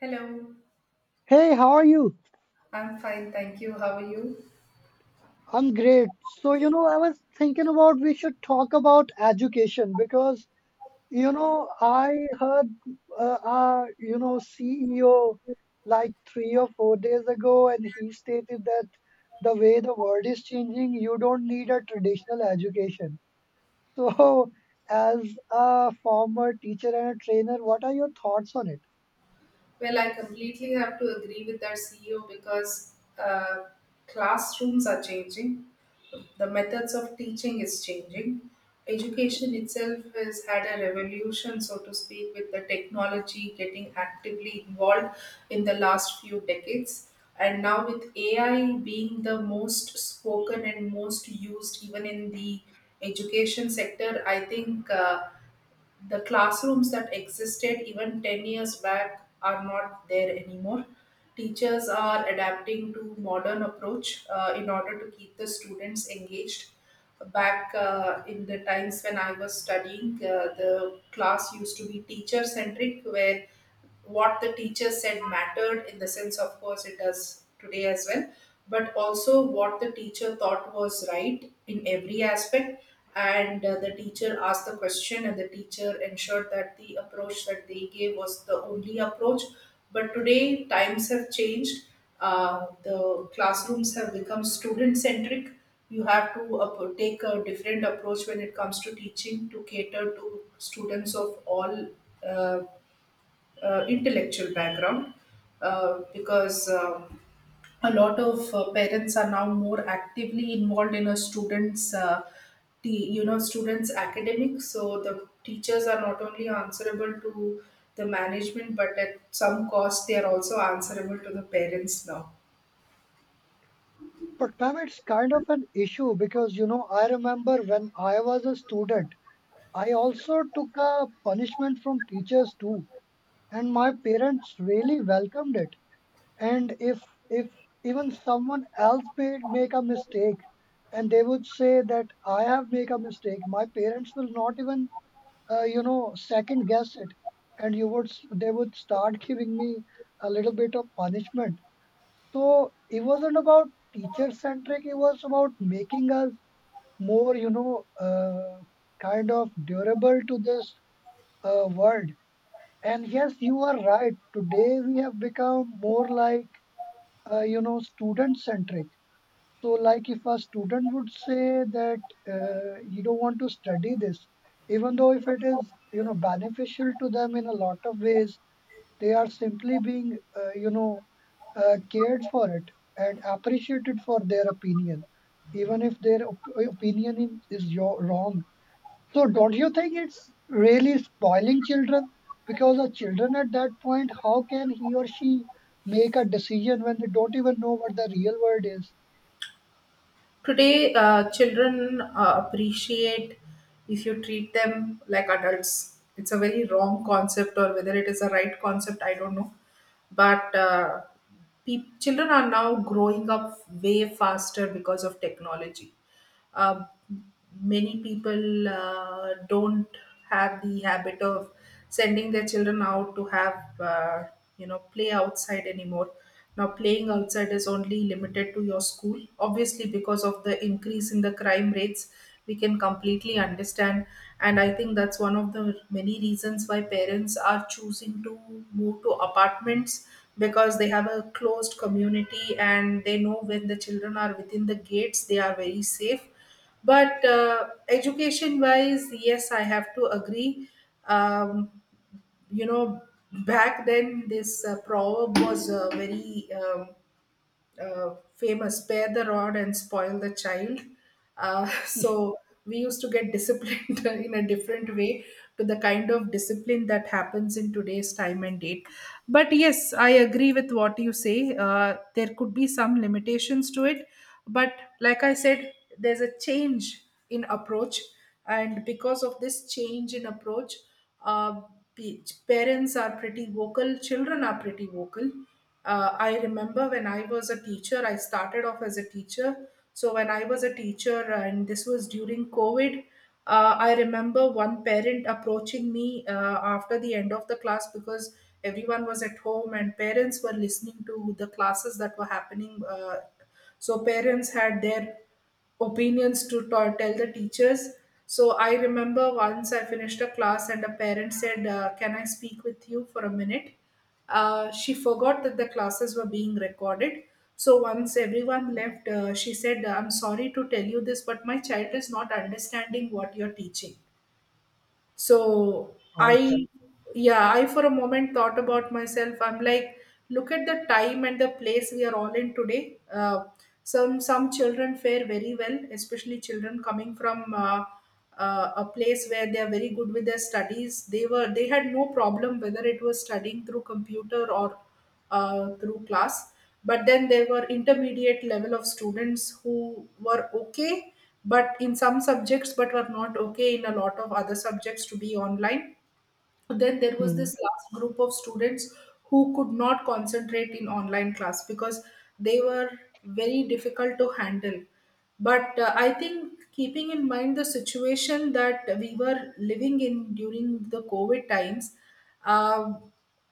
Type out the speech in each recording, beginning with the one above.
Hello, Hey, how are you? I'm fine, thank you. How are you? I'm great. So I was thinking about we should talk about education because I heard our CEO like 3 or 4 days ago, and he stated that the way the world is changing, you don't need a traditional education. So, as a former teacher and a trainer, what are your thoughts on it? Well, I completely have to agree with that CEO because classrooms are changing, the methods of teaching is changing. Education itself has had a revolution, so to speak, with the technology getting actively involved in the last few decades. And now, with AI being the most spoken and most used, even in the education sector, I think. The classrooms that existed even 10 years back are not there anymore. Teachers are adapting to modern approach in order to keep the students engaged. Back in the times when I was studying, the class used to be teacher centric, where what the teacher said mattered. In the sense, of course it does today as well, but also what the teacher thought was right in every aspect. And the teacher asked the question and the teacher ensured that the approach that they gave was the only approach. But today times have changed. The classrooms have become student centric. You have to take a different approach when it comes to teaching, to cater to students of all uh, intellectual background, because a lot of parents are now more actively involved in a student's, the you know students academics. So the teachers are not only answerable to the management, but at some cost they are also answerable to the parents now. But, ma'am, it's kind of an issue because I remember when I was a student. I also took a punishment from teachers too, and my parents really welcomed it. And if even someone else made make a mistake, and they would say that I have made a mistake, my parents will not even second guess it, and they would start giving me a little bit of punishment. So it wasn't about teacher centric; it was about making us more kind of durable to this world. And yes, you are right. Today we have become more like student centric. So, like if a student would say that you don't want to study this, even though if it is, beneficial to them in a lot of ways, they are simply being cared for it and appreciated for their opinion, even if their opinion is wrong. So don't you think it's really spoiling children? Because a children at that point, how can he or she make a decision when they don't even know what the real world is? Today, children appreciate if you treat them like adults. It's a very wrong concept, or whether it is a right concept, I don't know. But children are now growing up way faster because of technology. uh, Many people don't have the habit of sending their children out to have, uh, play outside anymore. Now playing outside is only limited to your school, obviously because of the increase in the crime rates, we can completely understand. And I think that's one of the many reasons why parents are choosing to move to apartments, because they have a closed community and they know when the children are within the gates they are very safe. But education wise, yes, I have to agree. um, you know Back then this proverb was very famous: spare the rod and spoil the child. So we used to get disciplined in a different way to the kind of discipline that happens in today's time and date. But yes, I agree with what you say. There could be some limitations to it, but like I said, there's a change in approach. And because of this change in approach, uh, pe- parents are pretty vocal, children are pretty vocal. I remember when I was a teacher, I started off as a teacher. So when I was a teacher, and this was during COVID, I remember one parent approaching me after the end of the class, because everyone was at home and parents were listening to the classes that were happening. So parents had their opinions to tell the teachers. So I remember once I finished a class and a parent said, "Can I speak with you for a minute?" She forgot that the classes were being recorded. So once everyone left, she said, "I'm sorry to tell you this, but my child is not understanding what you're teaching." So Right. I, yeah, I for a moment thought about myself. I'm like, look at the time and the place we are all in today. Some children fare very well, especially children coming from a place where they are very good with their studies. They had no problem whether it was studying through computer or through class. But then there were intermediate level of students who were okay but in some subjects, but were not okay in a lot of other subjects to be online. Then there was Mhm, this last group of students who could not concentrate in online class, because they were very difficult to handle. But I think keeping in mind the situation that we were living in during the COVID times, um,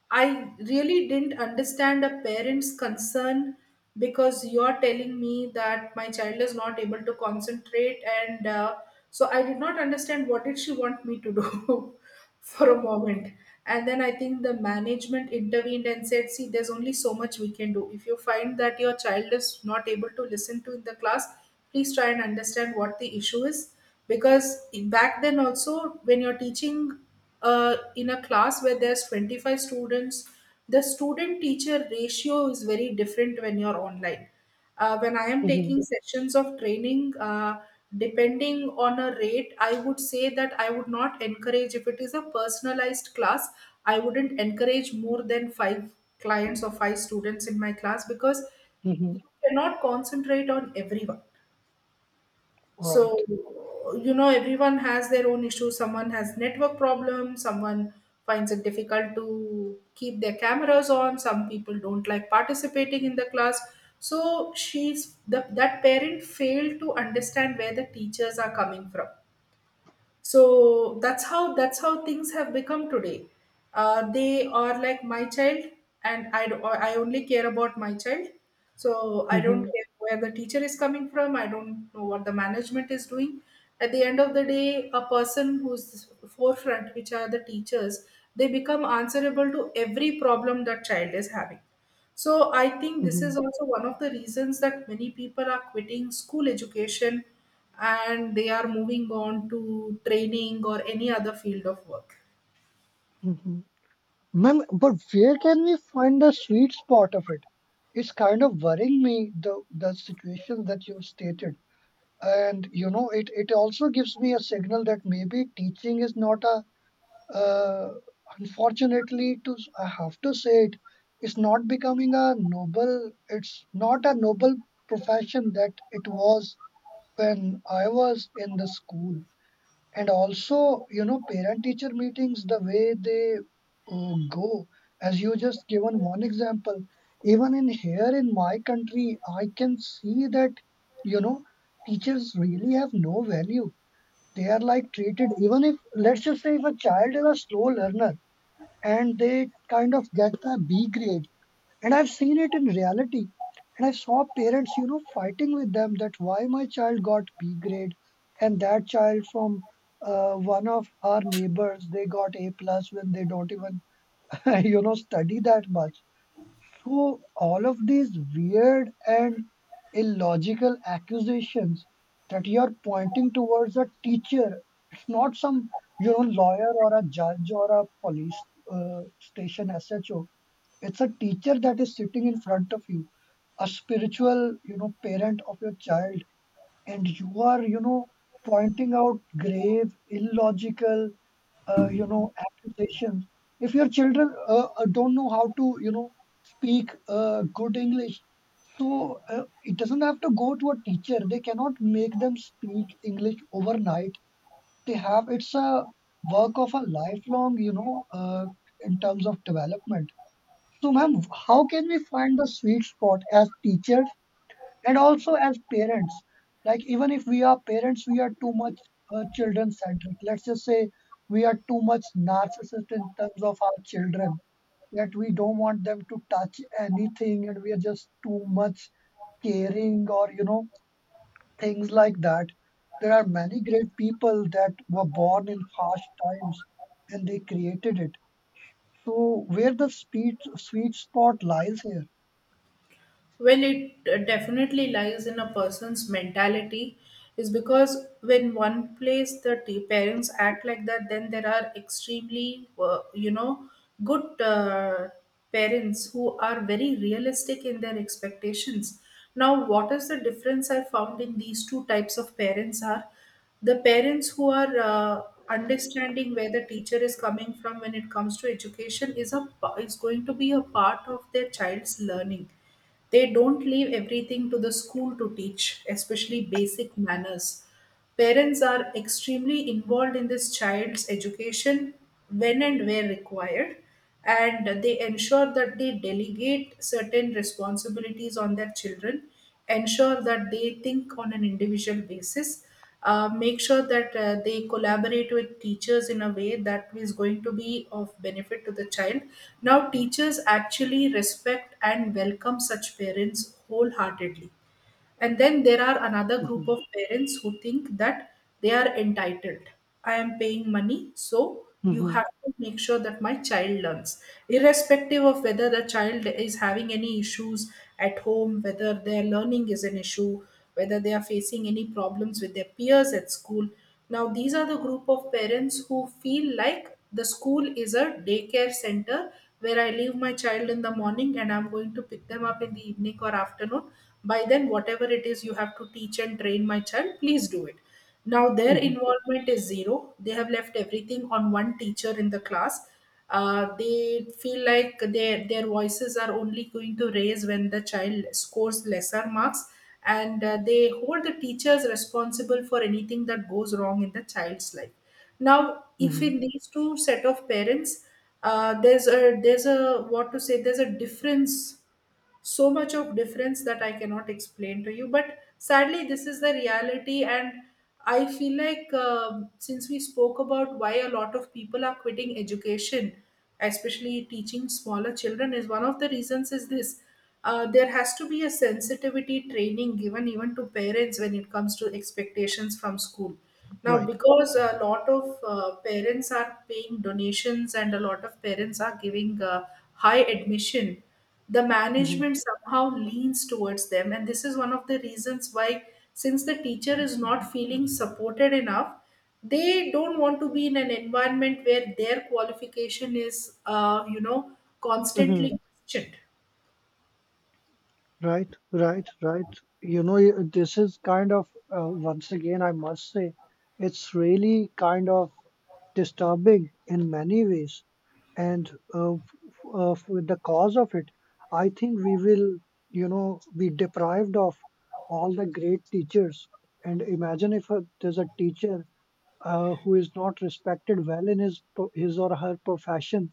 I really didn't understand a parent's concern, because you're telling me that my child is not able to concentrate, and so I did not understand what did she want me to do for a moment. And then I think the management intervened and said, "See, there's only so much we can do. If you find that your child is not able to listen to in the class, please try and understand what the issue is." Because back then also, when you're teaching in a class where there's 25 students, the student teacher ratio is very different when you're online. When I am mhm, taking sessions of training, depending on a rate, I would say that I would not encourage, if it is a personalized class, I wouldn't encourage more than 5 clients or 5 students in my class, because you mhm, cannot concentrate on everyone. So right. you know, everyone has their own issues. Someone has network problems, someone finds it difficult to keep their cameras on, some people don't like participating in the class. So that parent failed to understand where the teachers are coming from. So that's how things have become today. They are like, my child, and I, I only care about my child. So I don't Mhm, care where the teacher is coming from, I don't know what the management is doing. At the end of the day, a person who's forefront, which are the teachers, they become answerable to every problem that child is having. So I think this is mhm, also one of the reasons that many people are quitting school education and they are moving on to training or any other field of work. mhm. Ma'am, but where can we find the sweet spot of it? It's kind of worrying me the situation that you've stated, and you know it also gives me a signal that maybe teaching is not a… Uh, unfortunately, to I have to say it, it's not becoming a noble. It's not a noble profession that it was when I was in the school. And also, you know, parent-teacher meetings, the way they go, as you just given one example, even in here in my country, I can see that, you know, teachers really have no value. They are like treated, even if, let's just say, if a child is a slow learner and they kind of get the B grade. And I've seen it in reality. And I saw parents, you know, fighting with them that why my child got B grade and that child from one of our neighbors, they got A plus when they don't even, you know, study that much, through all of these weird and illogical accusations that you're pointing towards a teacher. It's not some, you know, lawyer or a judge or a police station SHO. It's a teacher that is sitting in front of you, a spiritual, you know, parent of your child, and you are, you know, pointing out grave, illogical, accusations. If your children don't know how to, you know, speak good English, so it doesn't have to go to a teacher. They cannot make them speak English overnight. They have, it's a work of a lifelong, in terms of development. So, ma'am, how can we find the sweet spot as teachers and also as parents, like even if we are parents we are too much children centric, let's just say we are too much narcissist in terms of our children, that we don't want them to touch anything and we are just too much caring, or you know, things like that. There are many great people that were born in harsh times and they created it. So where the sweet spot lies here? Well, it definitely lies in a person's mentality, is because when one place the parents act like that, then there are extremely, good parents who are very realistic in their expectations. Now, what is the difference I found in these two types of parents are: the parents who are understanding where the teacher is coming from, when it comes to education is a is going to be a part of their child's learning, they don't leave everything to the school to teach, especially basic manners. Parents are extremely involved in this child's education when and where required, and they ensure that they delegate certain responsibilities on their children, ensure that they think on an individual basis, make sure that they collaborate with teachers in a way that is going to be of benefit to the child. Now, teachers actually respect and welcome such parents wholeheartedly. And then there are another group Mm-hmm. of parents who think that they are entitled. I am paying money, so you Hmm. have to make sure that my child learns. Irrespective of whether the child is having any issues at home, whether their learning is an issue, whether they are facing any problems with their peers at school. Now, these are the group of parents who feel like the school is a daycare center where I leave my child in the morning and I'm going to pick them up in the evening or afternoon. By then whatever it is, you have to teach and train my child, please do it. Now their involvement is zero, they have left everything on one teacher in the class. They feel like their voices are only going to raise when the child scores lesser marks. And they hold the teachers responsible for anything that goes wrong in the child's life. Now if in Hmm. these two set of parents, there's a what to say, there's a difference, so much of difference that I cannot explain to you. But sadly, this is the reality, and I feel like, since we spoke about why a lot of people are quitting education, especially teaching smaller children, is one of the reasons is this. There has to be a sensitivity training given even to parents when it comes to expectations from school now, Right. because a lot of parents are paying donations, and a lot of parents are giving high admission, the management somehow leans towards them. And this is one of the reasons why, since the teacher is not feeling supported enough, they don't want to be in an environment where their qualification is, Mm-hmm. constantly questioned. Right, right, right. This is kind of, once again, I must say, it's really kind of disturbing in many ways. And with the cause of it, I think we will, you know, be deprived of all the great teachers. And imagine if there's a teacher who is not respected well in his his or her profession,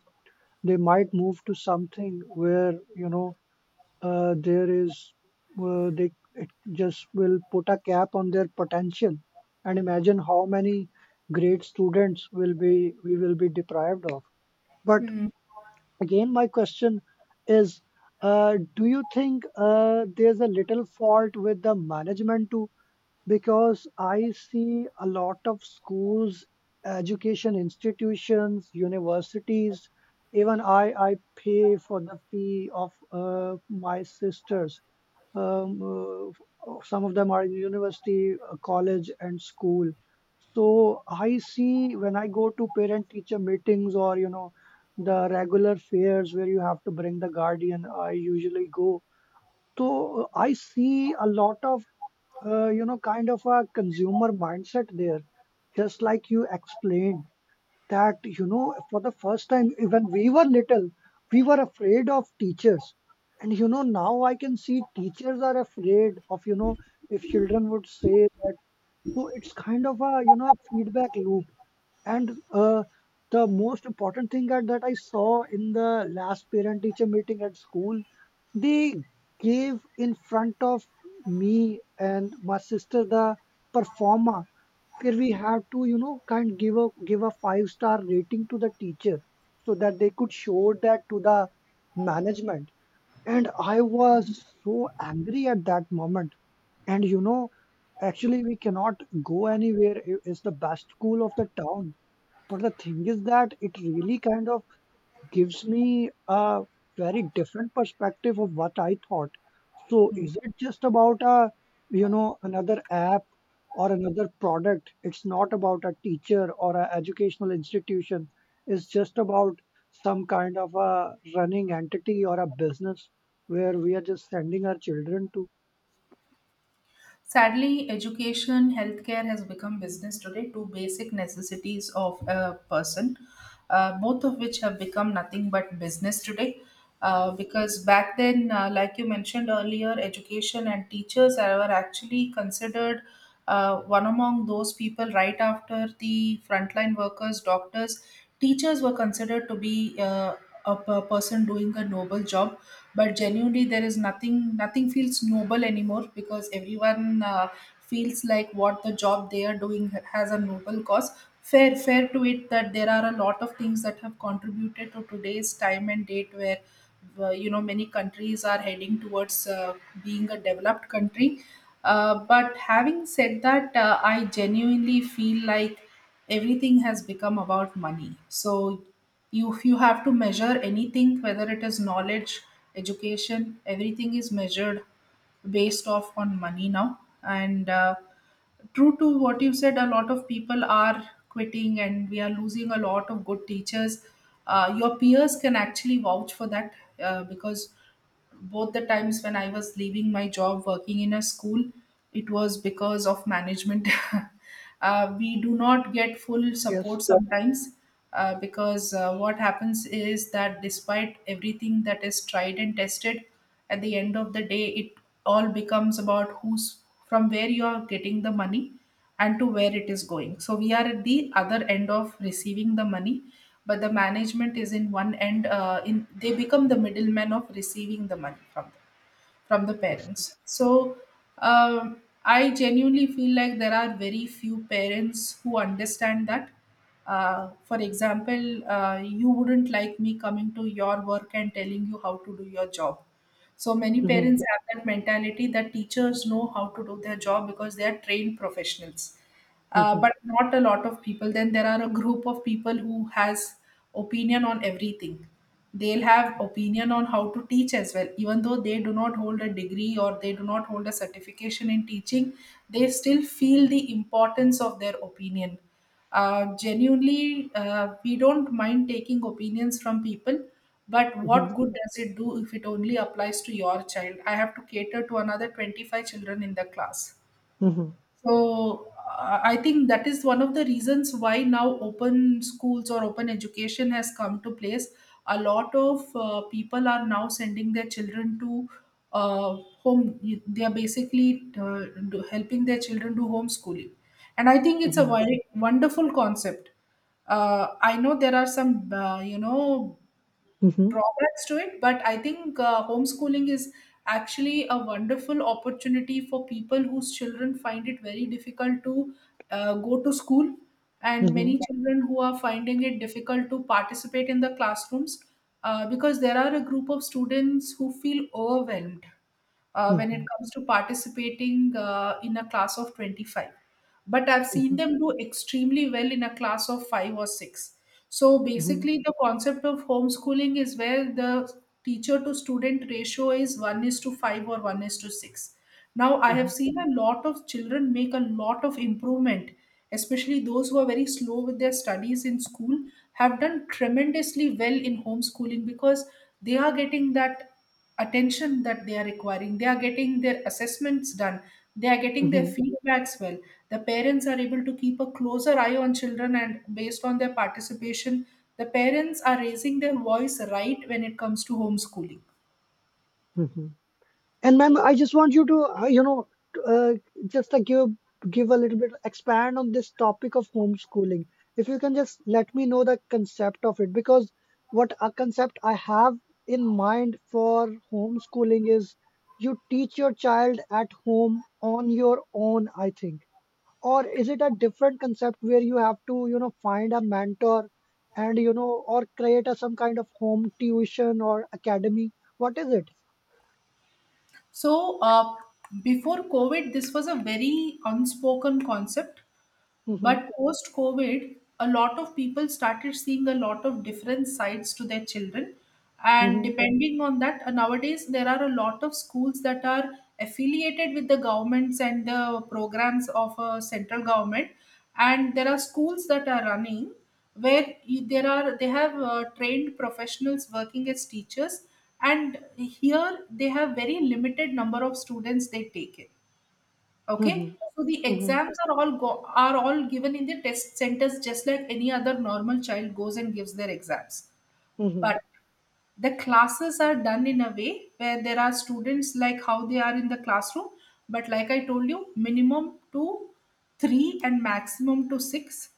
they might move to something where, you know, there is they it just will put a cap on their potential. And imagine how many great students will be we will be deprived of. But again, my question is, do you think there's a little fault with the management too? Because I see a lot of schools, education institutions, universities. Even I pay for the fee of my sisters. Um, some of them are in university, college, and school. So I see when I go to parent teacher meetings, or you know, the regular fairs where you have to bring the guardian, I usually go. So I see a lot of you know kind of a consumer mindset there, just like you explained, that you know for the first time when we were little we were afraid of teachers. And you know now I can see teachers are afraid of you know, if children would say that. So it's kind of a you know feedback loop. And the most important thing that I saw in the last parent teacher meeting at school, they gave in front of me and my sister the performa, where we have to you know kind of give a five-star rating to the teacher, so that they could show that to the management. And I was so angry at that moment. And you know, actually we cannot go anywhere. It's the best school of the town. But the thing is that it really kind of gives me a very different perspective of what I thought. So is it just about a, you know, another app or another product? It's not about a teacher or an educational institution. It's just about some kind of a running entity or a business where we are just sending our children to. Sadly, education, healthcare has become business today, two basic necessities of a person, both of which have become nothing but business today. Because back then, like you mentioned earlier, education and teachers were actually considered one among those people right after the frontline workers, doctors. Teachers were considered to be uh, a person doing a noble job, but genuinely there is nothing feels noble anymore because everyone feels like what the job they are doing has a noble cause. Fair to it that there are a lot of things that have contributed to today's time and date, where many countries are heading towards being a developed country. But having said that, I genuinely feel like everything has become about money. So if you have to measure anything, whether it is knowledge, education, everything is measured based off on money now. And true to what you said, a lot of people are quitting and we are losing a lot of good teachers. Your peers can actually vouch for that, because both the times when I was leaving my job working in a school, it was because of management We do not get full Yes. support sometimes, because what happens is that despite everything that is tried and tested, at the end of the day, it all becomes about who's, from where you are getting the money and to where it is going. So we are at the other end of receiving the money, but the management is in one end, in they become the middlemen of receiving the money from them, from the Ex- parents. So I genuinely feel like there are very few parents who understand that. For example, you wouldn't like me coming to your work and telling you how to do your job. So many Mhm, parents have that mentality that teachers know how to do their job because they are trained professionals. Mhm, But not a lot of people. Then there are a group of people who has opinion on everything. They'll have opinion on how to teach as well. Even though they do not hold a degree or they do not hold a certification in teaching, they still feel the importance of their opinion. Genuinely, we don't mind taking opinions from people, but mhm, what good does it do if it only applies to your child? I have to cater to another 25 children in the class. mhm, So I think that is one of the reasons why now open schools or open education has come to place. A lot of people are now sending their children to uh, home. They are basically helping their children do homeschooling, and I think it's a mhm, wonderful concept. I know there are some mhm, drawbacks to it, but I think homeschooling is actually a wonderful opportunity for people whose children find it very difficult to go to school, and mhm, many children who are finding it difficult to participate in the classrooms, because there are a group of students who feel overwhelmed when it mhm, comes to participating in a class of 25, but I've seen mhm, them do extremely well in a class of five or six. So mhm, basically, the concept of homeschooling is where the teacher to student ratio is one is to five or one is to six. Now, I have mhm, seen a lot of children make a lot of improvement, especially those who are very slow with their studies in school, have done tremendously well in homeschooling because they are getting that attention that they are requiring. They are getting their assessments done. They are getting their mhm, feedbacks well. The parents are able to keep a closer eye on children, and based on their participation, the parents are raising their voice right when it comes to homeschooling. mhm. And ma'am, I just want you to, uh, just like give a little bit expand on this topic of homeschooling. If you can just let me know the concept of it, because what a concept I have in mind for homeschooling is you teach your child at home on your own, I think. Or is it a different concept where you have to, you know, find a mentor and, you know, or create a some kind of home tuition or academy? What is it? So, before COVID, this was a very unspoken concept. Mm-hmm. But post COVID, a lot of people started seeing a lot of different sides to their children. And Mm-hmm. depending on that, nowadays there are a lot of schools that are affiliated with the governments and the programs of central government. And there are schools that are running, where you- there are they have trained professionals working as teachers, and here they have very limited number of students they take in. Okay, Mhm, so the mhm, exams are are all given in the test centers, just like any other normal child goes and gives their exams. mhm, But the classes are done in a way where there are students like how they are in the classroom, but like I told you, minimum to three and maximum to six.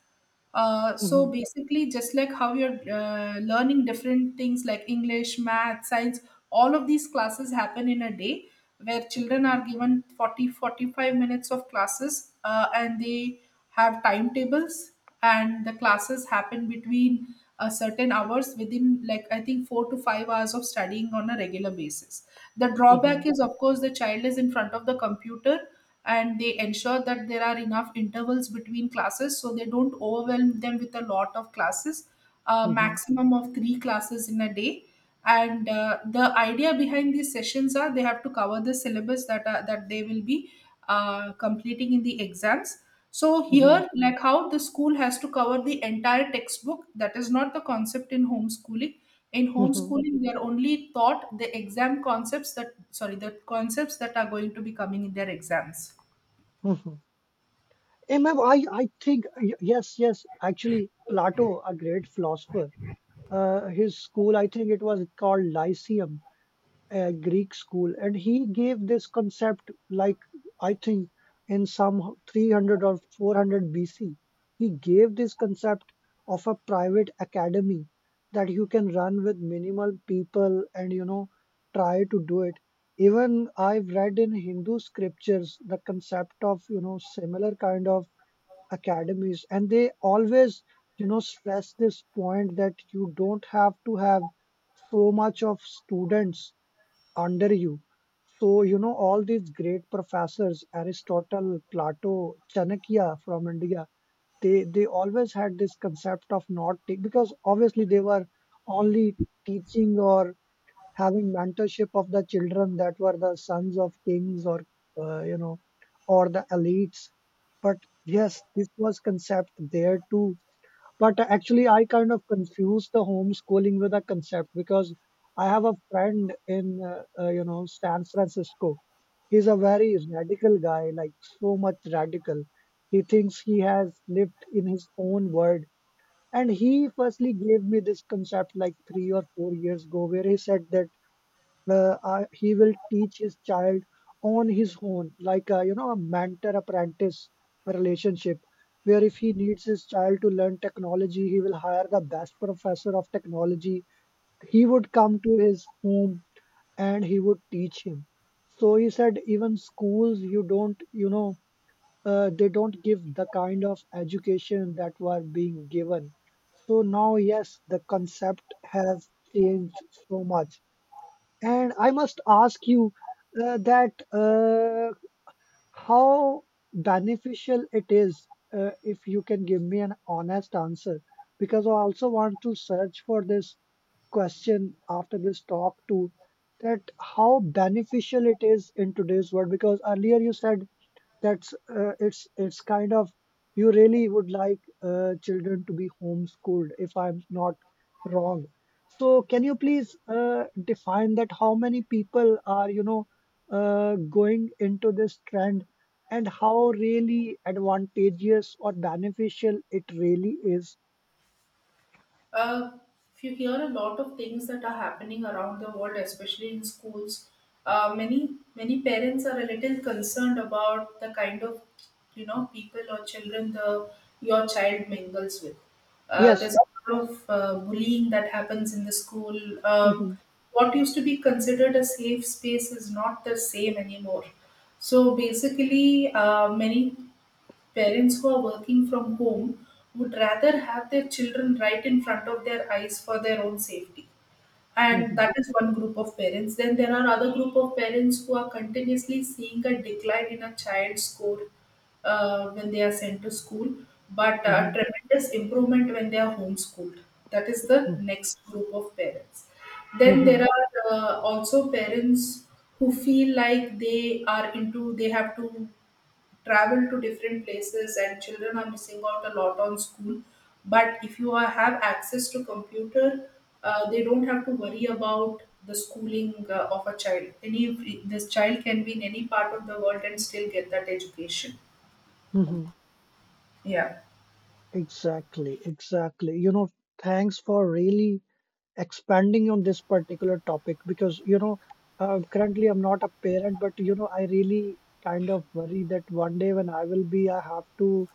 So mhm, basically, just like how you're learning different things like English, math, science, all of these classes happen in a day, where children are given 40-45 minutes of classes, and they have timetables, and the classes happen between a certain hours within, like, I think 4 to 5 hours of studying on a regular basis. The drawback mhm, is, of course, the child is in front of the computer, and they ensure that there are enough intervals between classes so they don't overwhelm them with a lot of classes. A mhm, maximum of three classes in a day. And the idea behind these sessions are they have to cover the syllabus that they will be completing in the exams. So mhm, here, like how the school has to cover the entire textbook, that is not the concept in homeschooling. In mhm, homeschooling, they are only taught the exam concepts that, sorry, the concepts that are going to be coming in their exams. mhm. Ma'am, I think, yes, actually, Plato, a great philosopher, his school, I think it was called Lyceum, a Greek school, and he gave this concept, like I think in some 300 or 400 BC, he gave this concept of a private academy that you can run with minimal people and you know try to do it. Even I've read in Hindu scriptures the concept of you know similar kind of academies, and they always you know stress this point that you don't have to have so much of students under you. So, you know, all these great professors, Aristotle, Plato, Chanakya from India, they always had this concept of not take, because obviously they were only teaching or having mentorship of the children that were the sons of kings, or, you know, or the elites. But yes, this was concept there too. But actually, I kind of confuse the homeschooling with a concept because I have a friend in, you know, San Francisco. He's a very radical guy, like so much radical. He thinks he has lived in his own world. And he firstly gave me this concept like 3 or 4 years ago, where he said that uh, he will teach his child on his own like a, you know, a mentor apprentice relationship, where if he needs his child to learn technology he will hire the best professor of technology. He would come to his home and he would teach him. So he said even schools you don't you know they don't give the kind of education that were being given. So now yes the concept has changed so much. And I must ask you that how beneficial it is, if you can give me an honest answer, because I also want to search for this question after this talk too, that how beneficial it is in today's world. Because earlier you said that's it's kind of, you really would like children to be homeschooled if I'm not wrong. So can you please define that how many people are you know going into this trend, and how really advantageous or beneficial it really is? Uh, If you hear a lot of things that are happening around the world, especially in schools. Uh, many many parents are a little concerned about the kind of people or children the your child mingles with. Yes. There's a lot of bullying that happens in the school. Mm-hmm. What used to be considered a safe space is not the same anymore. So basically, many parents who are working from home would rather have their children right in front of their eyes for their own safety. And Mm-hmm. that is one group of parents. Then there are other group of parents who are continuously seeing a decline in a child's score when they are sent to school, but Mm-hmm. tremendous improvement when they are homeschooled. That is the Mm-hmm. next group of parents. Then there Mm-hmm. are also parents who feel like they have to travel to different places and children are missing out a lot on school. But if you have access to computer, they don't have to worry about the schooling of a child. Any This child can be in any part of the world and still get that education. Mm-hmm. Yeah. Exactly. Exactly. You know, thanks for really expanding on this particular topic because you know currently I'm not a parent, but you know I really kind of worry that one day when I will be, I have to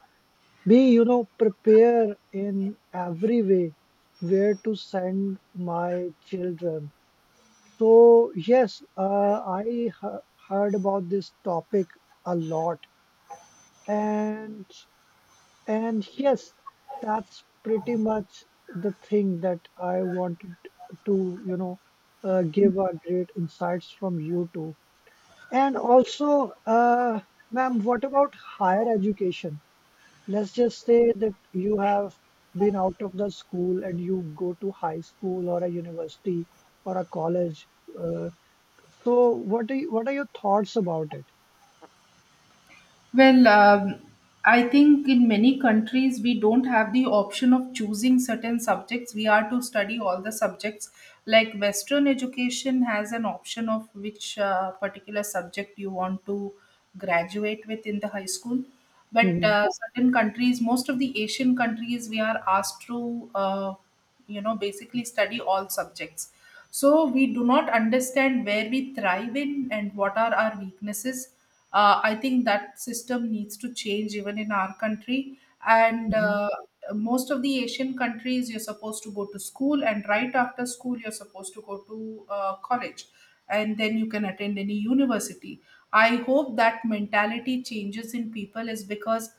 be you know prepare in every way where to send my children. So yes heard about this topic a lot. and and yes, that's pretty much the thing that I wanted to, give our great insights from you too. And also, ma'am, what about higher education? Let's just say that you have been out of the school and you go to high school or a university or a college. Uh, so what are what are your thoughts about it? Well, I think in many countries we don't have the option of choosing certain subjects. We are to study all the subjects. Like Western education has an option of which particular subject you want to graduate with in the high school. But Hmm. Certain countries, most of the Asian countries, we are asked to, basically study all subjects. So we do not understand where we thrive in and what are our weaknesses. I think that system needs to change even in our country. And Hmm. Most of the Asian countries, you're supposed to go to school, and right after school, you're supposed to go to college, and then you can attend any university. I hope that mentality changes in people is because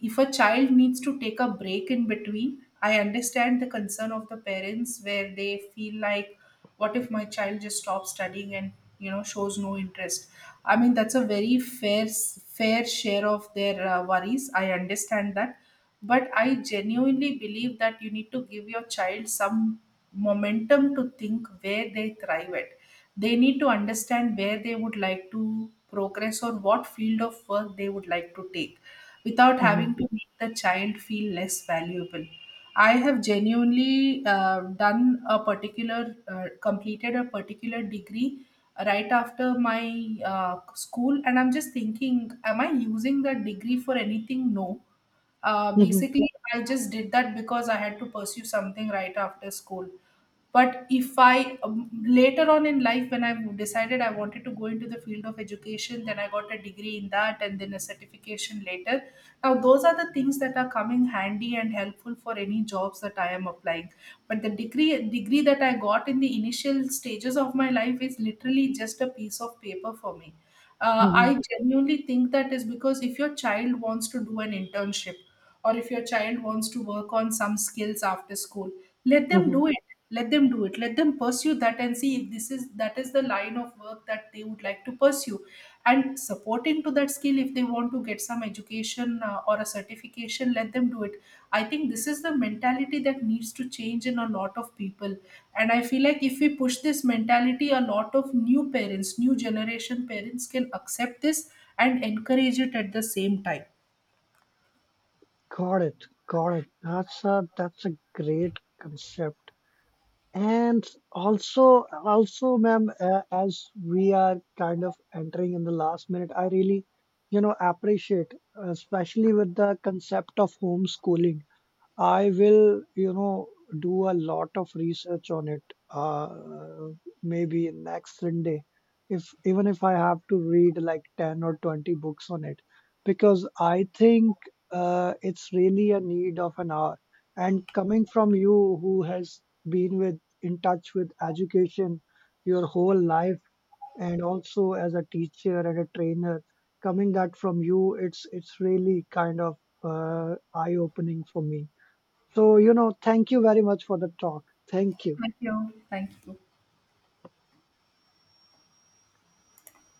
if a child needs to take a break in between, I understand the concern of the parents where they feel like, what if my child just stops studying and shows no interest? I mean, that's a very fair fair share of their worries. I understand that, but I genuinely believe that you need to give your child some momentum to think where they thrive at. They need to understand where they would like to progress or what field of work they would like to take, without having Hmm. to make the child feel less valuable. I have genuinely completed a particular degree right after my school, and I'm just thinking, am I using that degree for anything? No. Hmm. Basically, I just did that because I had to pursue something right after school. But if I later on in life, when I decided I wanted to go into the field of education, then I got a degree in that, and then a certification later. Now those are the things that are coming handy and helpful for any jobs that I am applying. But the degree that I got in the initial stages of my life is literally just a piece of paper for me. Hmm. I genuinely think that is because if your child wants to do an internship or if your child wants to work on some skills after school, let them do Hmm. it. Let them do it. Let them pursue that, and see if this is that is the line of work that they would like to pursue. And supporting to that skill, if they want to get some education or a certification, let them do it. I think this is the mentality that needs to change in a lot of people. And I feel like if we push this mentality, a lot of new generation parents can accept this and encourage it at the same time. Got it, got it. That's a great concept. And also, also, ma'am, as we are kind of entering in the last minute, I really, you know, appreciate, especially with the concept of homeschooling. I will, you know, do a lot of research on it. Uh, maybe next Sunday, if even if I have to read like 10 or 20 books on it, because I think it's really a need of an hour. And coming from you, who has been with in touch with education your whole life, and also as a teacher and a trainer, coming that from you, it's really kind of eye-opening for me. So, you know, thank you very much for the talk. Thank you. Thank you. Thank you.